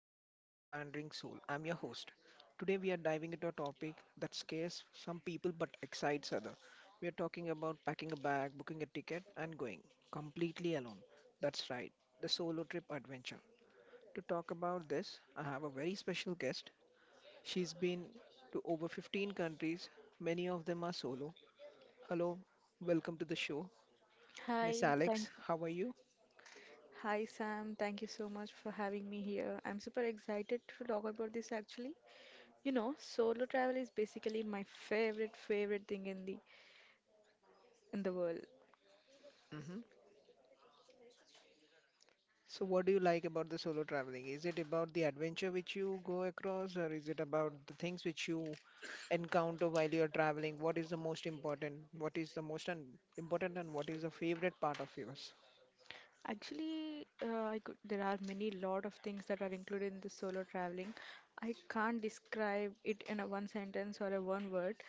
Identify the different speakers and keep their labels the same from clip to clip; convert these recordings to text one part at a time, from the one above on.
Speaker 1: welcome back to The Wandering Soul. I'm your host. Today we are diving into a topic that scares some people but excites others. We are talking about packing a bag, booking a ticket and going completely alone. That's right, the solo trip adventure. To talk about this, I have a very special guest. She's been to over 15 countries, many of them are solo. Hello, welcome to the show. Miss
Speaker 2: Hi, thank
Speaker 1: Alex, how are you?
Speaker 2: Hi Sam, thank you so much for having me here. I'm super excited to talk about this actually. You know, solo travel is basically my favorite thing in the world.
Speaker 1: So, what do you like about the solo traveling? Is it about the adventure which you go across, or is it about the things which you encounter while you're traveling? What is the most important? What is the most un important, and what is the favorite part of yours?
Speaker 2: Actually, there are many lot of things that are included in the solo traveling. I can't describe it in a one sentence or a one word.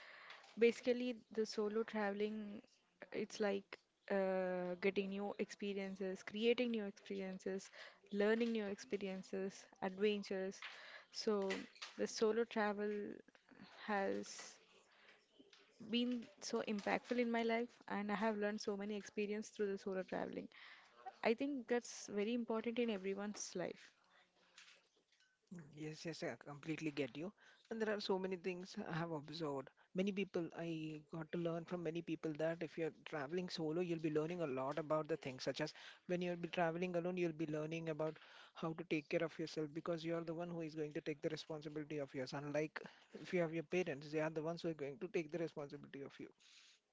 Speaker 2: Basically, the solo traveling, it's like getting new experiences, creating new experiences, learning new experiences, adventures. So the solo travel has been so impactful in my life, and I have learned so many experience through the solo traveling. I think that's very important in everyone's life.
Speaker 1: Yes, yes, I completely get you. And there are so many things I have observed. Many people, I got to learn from many people that if you're traveling solo, you'll be learning a lot about the things, such as when you'll be traveling alone, you'll be learning about how to take care of yourself because you're the one who is going to take the responsibility of yours. Unlike if you have your parents, they are the ones who are going to take the responsibility of you.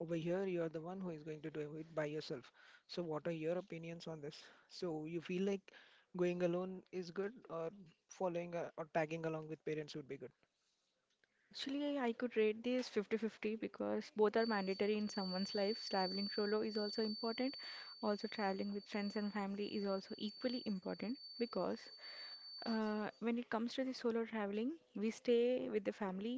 Speaker 1: Over here, you are the one who is going to do it by yourself. So, what are your opinions on this? So, you feel like going alone is good, or following or tagging along with parents would be good?
Speaker 2: Actually, I could rate this 50-50 because both are mandatory in someone's life. Traveling solo is also important. Also, traveling with friends and family is also equally important because when it comes to the solo traveling, we stay with the family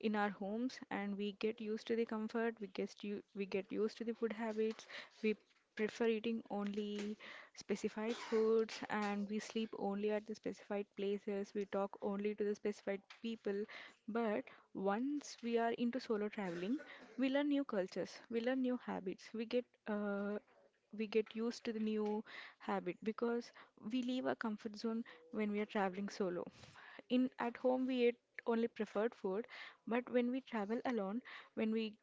Speaker 2: in our homes and we get used to the comfort, we get used to the food habits, we prefer eating only specified foods and we sleep only at the specified places, we talk only to the specified people. But once we are into solo traveling, we learn new cultures, we learn new habits, we get used to the new habit because we leave our comfort zone when we are traveling solo. In at home we ate only preferred food, but when we travel alone, when we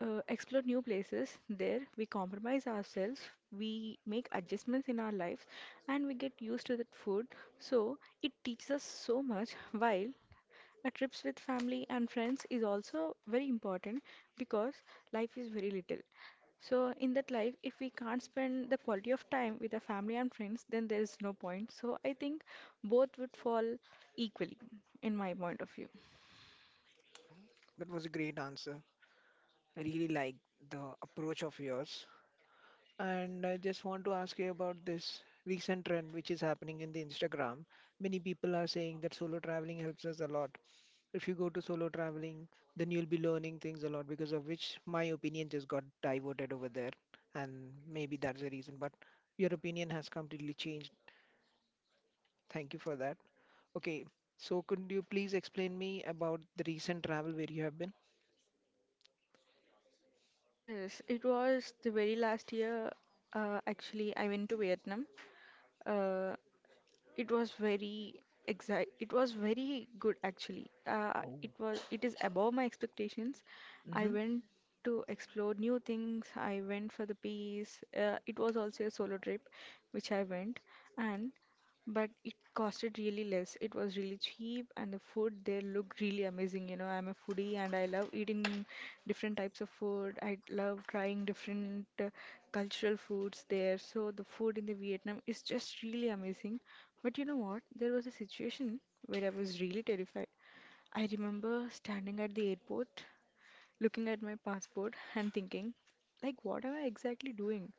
Speaker 2: uh, explore new places, there we compromise ourselves, we make adjustments in our lives, and we get used to that food. So it teaches us so much while a trips with family and friends is also very important because life is very little. So in that life, if we can't spend the quality of time with the family and friends, then there is no point. So I think both would fall equally in my point of view.
Speaker 1: Oh, that was a great answer. I really like the approach of yours. And I just want to ask you about this recent trend which is happening in the Instagram. Many people are saying that solo traveling helps us a lot. If you go to solo traveling, then you'll be learning things a lot because of which my opinion just got diverted over there. And maybe that's the reason. But your opinion has completely changed. Thank you for that. Okay, so could you please explain me about the recent travel where you have been?
Speaker 2: Yes, it was the very last year. I went to Vietnam. Uh, It was very exact. It was very good actually.
Speaker 1: Oh.
Speaker 2: It was. It is above my expectations. I
Speaker 1: Mm-hmm.
Speaker 2: went to explore new things. I went for the peace. It was also a solo trip, which I went, and but it costed really less. It was really cheap, and the food there looked really amazing. You know, I'm a foodie and I love eating different types of food. I love trying different cultural foods there. So the food in the Vietnam is just really amazing. But you know what? There was a situation where I was really terrified. I remember standing at the airport, looking at my passport and thinking, like, what am I exactly doing?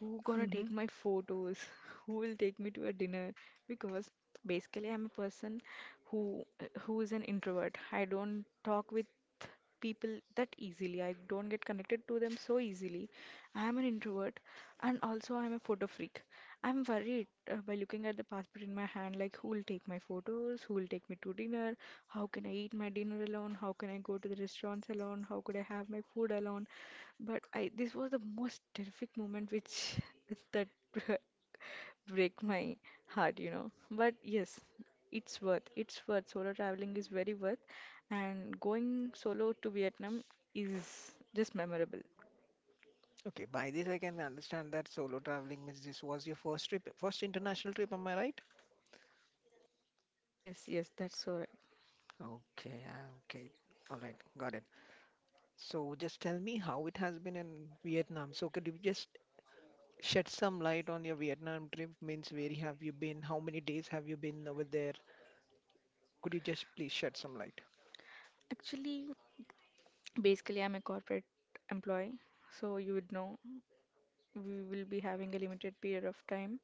Speaker 2: Who gonna
Speaker 1: Mm-hmm.
Speaker 2: take my photos? Who will take me to a dinner? Because basically I'm a person who who is an introvert. I don't talk with people that easily. I don't get connected to them so easily. I am an introvert and also I am a photo freak. I'm worried by looking at the passport in my hand, like who will take my photos, who will take me to dinner, how can I eat my dinner alone, how can I go to the restaurants alone, how could I have my food alone. But I This was the most terrific moment which that break my heart, you know. But yes, it's worth. It's worth. Solo traveling is very worth, and going solo to Vietnam is just memorable.
Speaker 1: Okay, by this I can understand that solo traveling means this was your first trip, first international trip, am I right?
Speaker 2: Yes, yes, that's so right.
Speaker 1: Okay, ah, okay. All right, got it. So just tell me how it has been in Vietnam. So could you just shed some light on your Vietnam trip. Means where have you been? How many days have you been over there? Could you just please shed some light?
Speaker 2: Actually, basically, I'm a corporate employee, so you would know we will be having a limited period of time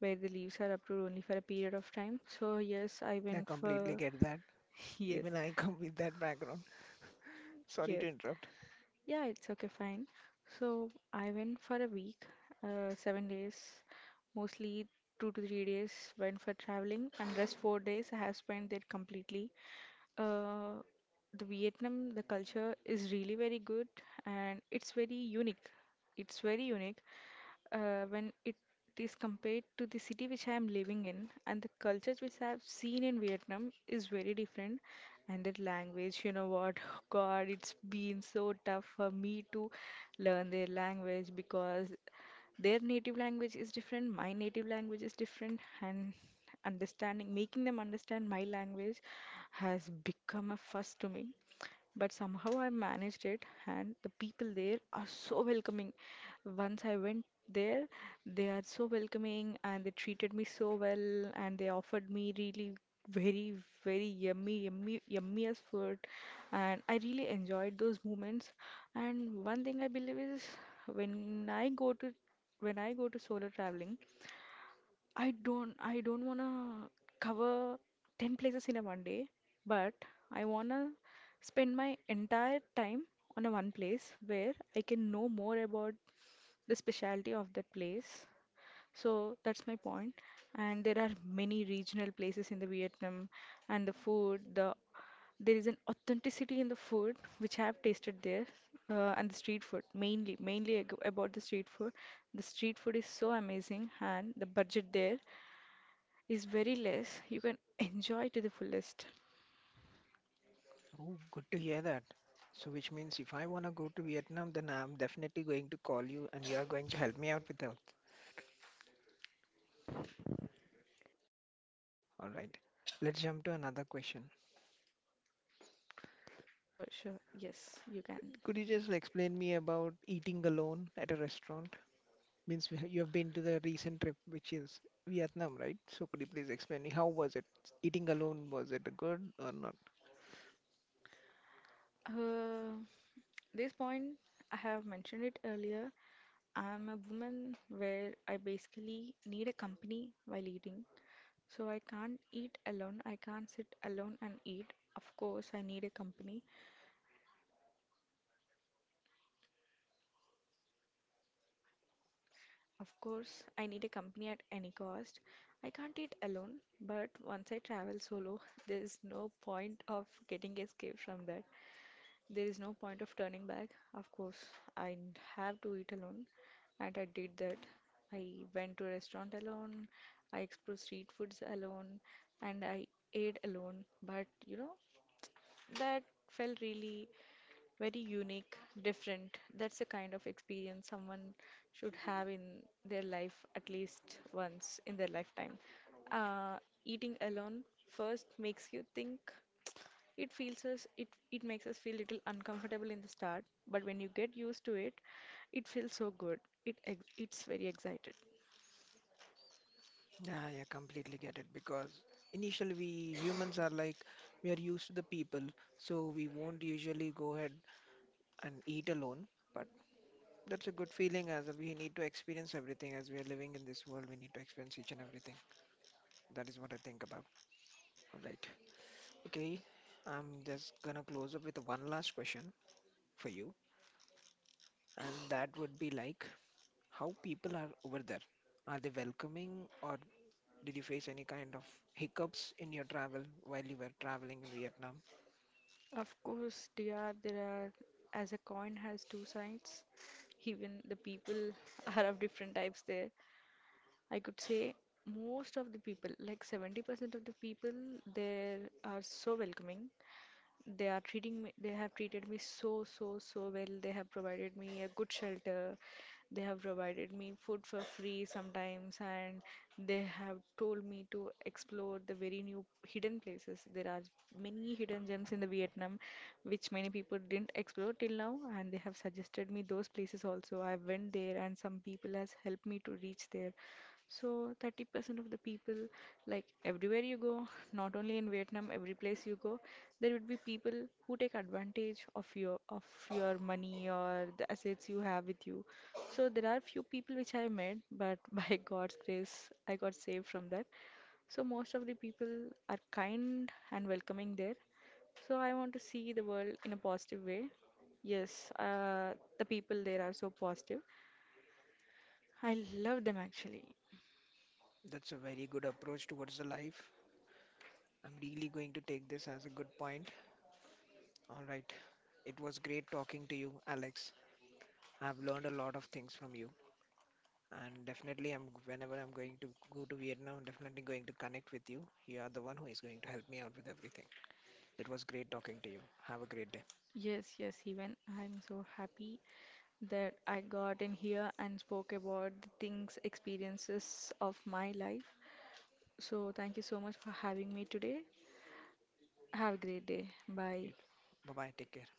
Speaker 2: where the leaves are approved only for a period of time. So yes, I
Speaker 1: I
Speaker 2: went
Speaker 1: completely
Speaker 2: for
Speaker 1: get that.
Speaker 2: yes,
Speaker 1: Even I come with that background. Sorry to
Speaker 2: yes.
Speaker 1: interrupt.
Speaker 2: Yeah, it's okay, fine. So I went for a week, seven days, mostly two to three days went for traveling, and rest four days I have spent there completely. Uh, the Vietnam, the culture is really very good, and it's very unique. It's very unique when it is compared to the city which I am living in, and the cultures which I have seen in Vietnam is very different. And that language, you know what, God, it's been so tough for me to learn their language because their native language is different, my native language is different, and understanding making them understand my language has become a fuss to me, but somehow I managed it, and the people there are so welcoming. Once I went there, they are so welcoming and they treated me so well, and they offered me really very, very yummy, yummy, yummiest food, and I really enjoyed those moments. And one thing I believe is when I go to when I go to solo traveling, I don't wanna cover 10 places in a one day, but I wanna spend my entire time on a one place where I can know more about the specialty of that place. So that's my point. And there are many regional places in the Vietnam, and the food, the there is an authenticity in the food which I have tasted there, and the street food, about the street food. The street food is so amazing and the budget there is very less, you can enjoy to the fullest.
Speaker 1: Oh, good to hear that. So, which means if I want to go to Vietnam, then I'm definitely going to call you and you are going to help me out with that. All right. Let's jump to another question.
Speaker 2: Sure, sure. Yes, you can.
Speaker 1: Could you just explain me about eating alone at a restaurant? Means you have been to the recent trip, which is Vietnam, right? So could you please explain me how was it? Eating alone, was it good or not?
Speaker 2: Uh, this point, I have mentioned it earlier. I'm a woman where I basically need a company while eating. So I can't eat alone. I can't sit alone and eat. Of course, I need a company. Of course, I need a company at any cost. I can't eat alone, but once I travel solo, there's no point of getting escape from that. There is no point of turning back. Of course, have to eat alone, and I did that. I went to a restaurant alone, I explored street foods alone, and I ate alone. But you know, that felt really very unique, different. That's the kind of experience someone should have in their life at least once in their lifetime. Uh, eating alone first makes you think, it feels us, it makes us feel little uncomfortable in the start, but when you get used to it, it feels so good. It's very excited.
Speaker 1: Yeah, yeah, completely get it because initially we humans are like we are used to the people, so we won't usually go ahead and eat alone. But that's a good feeling as we need to experience everything as we are living in this world. We need to experience each and everything. That is what I think about. All right. Okay. I'm just gonna close up with one last question for you, and that would be like, how people are over there? Are they welcoming, or did you face any kind of hiccups in your travel while you were traveling in Vietnam?
Speaker 2: Of course, dear, there are, as a coin has two sides. Even the people are of different types there. I could say most of the people, like 70% of the people, they are so welcoming. They are treating me, they have treated me so, so, so well. They have provided me a good shelter. They have provided me food for free sometimes, and they have told me to explore the very new hidden places. There are many hidden gems in the Vietnam which many people didn't explore till now, and they have suggested me those places also. I went there, and some people has helped me to reach there. So 30% of the people, like everywhere you go, not only in Vietnam, every place you go, there would be people who take advantage of your money or the assets you have with you. So there are few people which I met, but by God's grace, I got saved from that. So most of the people are kind and welcoming there. So I want to see the world in a positive way. Yes, the people there are so positive. I love them actually.
Speaker 1: That's a very good approach towards the life. I'm really going to take this as a good point. All right. It was great talking to you, Alex. I've learned a lot of things from you, and definitely, I'm whenever I'm going to go to Vietnam, I'm definitely going to connect with you. You are the one who is going to help me out with everything. It was great talking to you. Have a great day.
Speaker 2: Yes, yes, even I'm so happy that I got in here and spoke about the things, experiences of my life. So, thank you so much for having me today. Have a great day. Bye.
Speaker 1: You bye bye. Take care.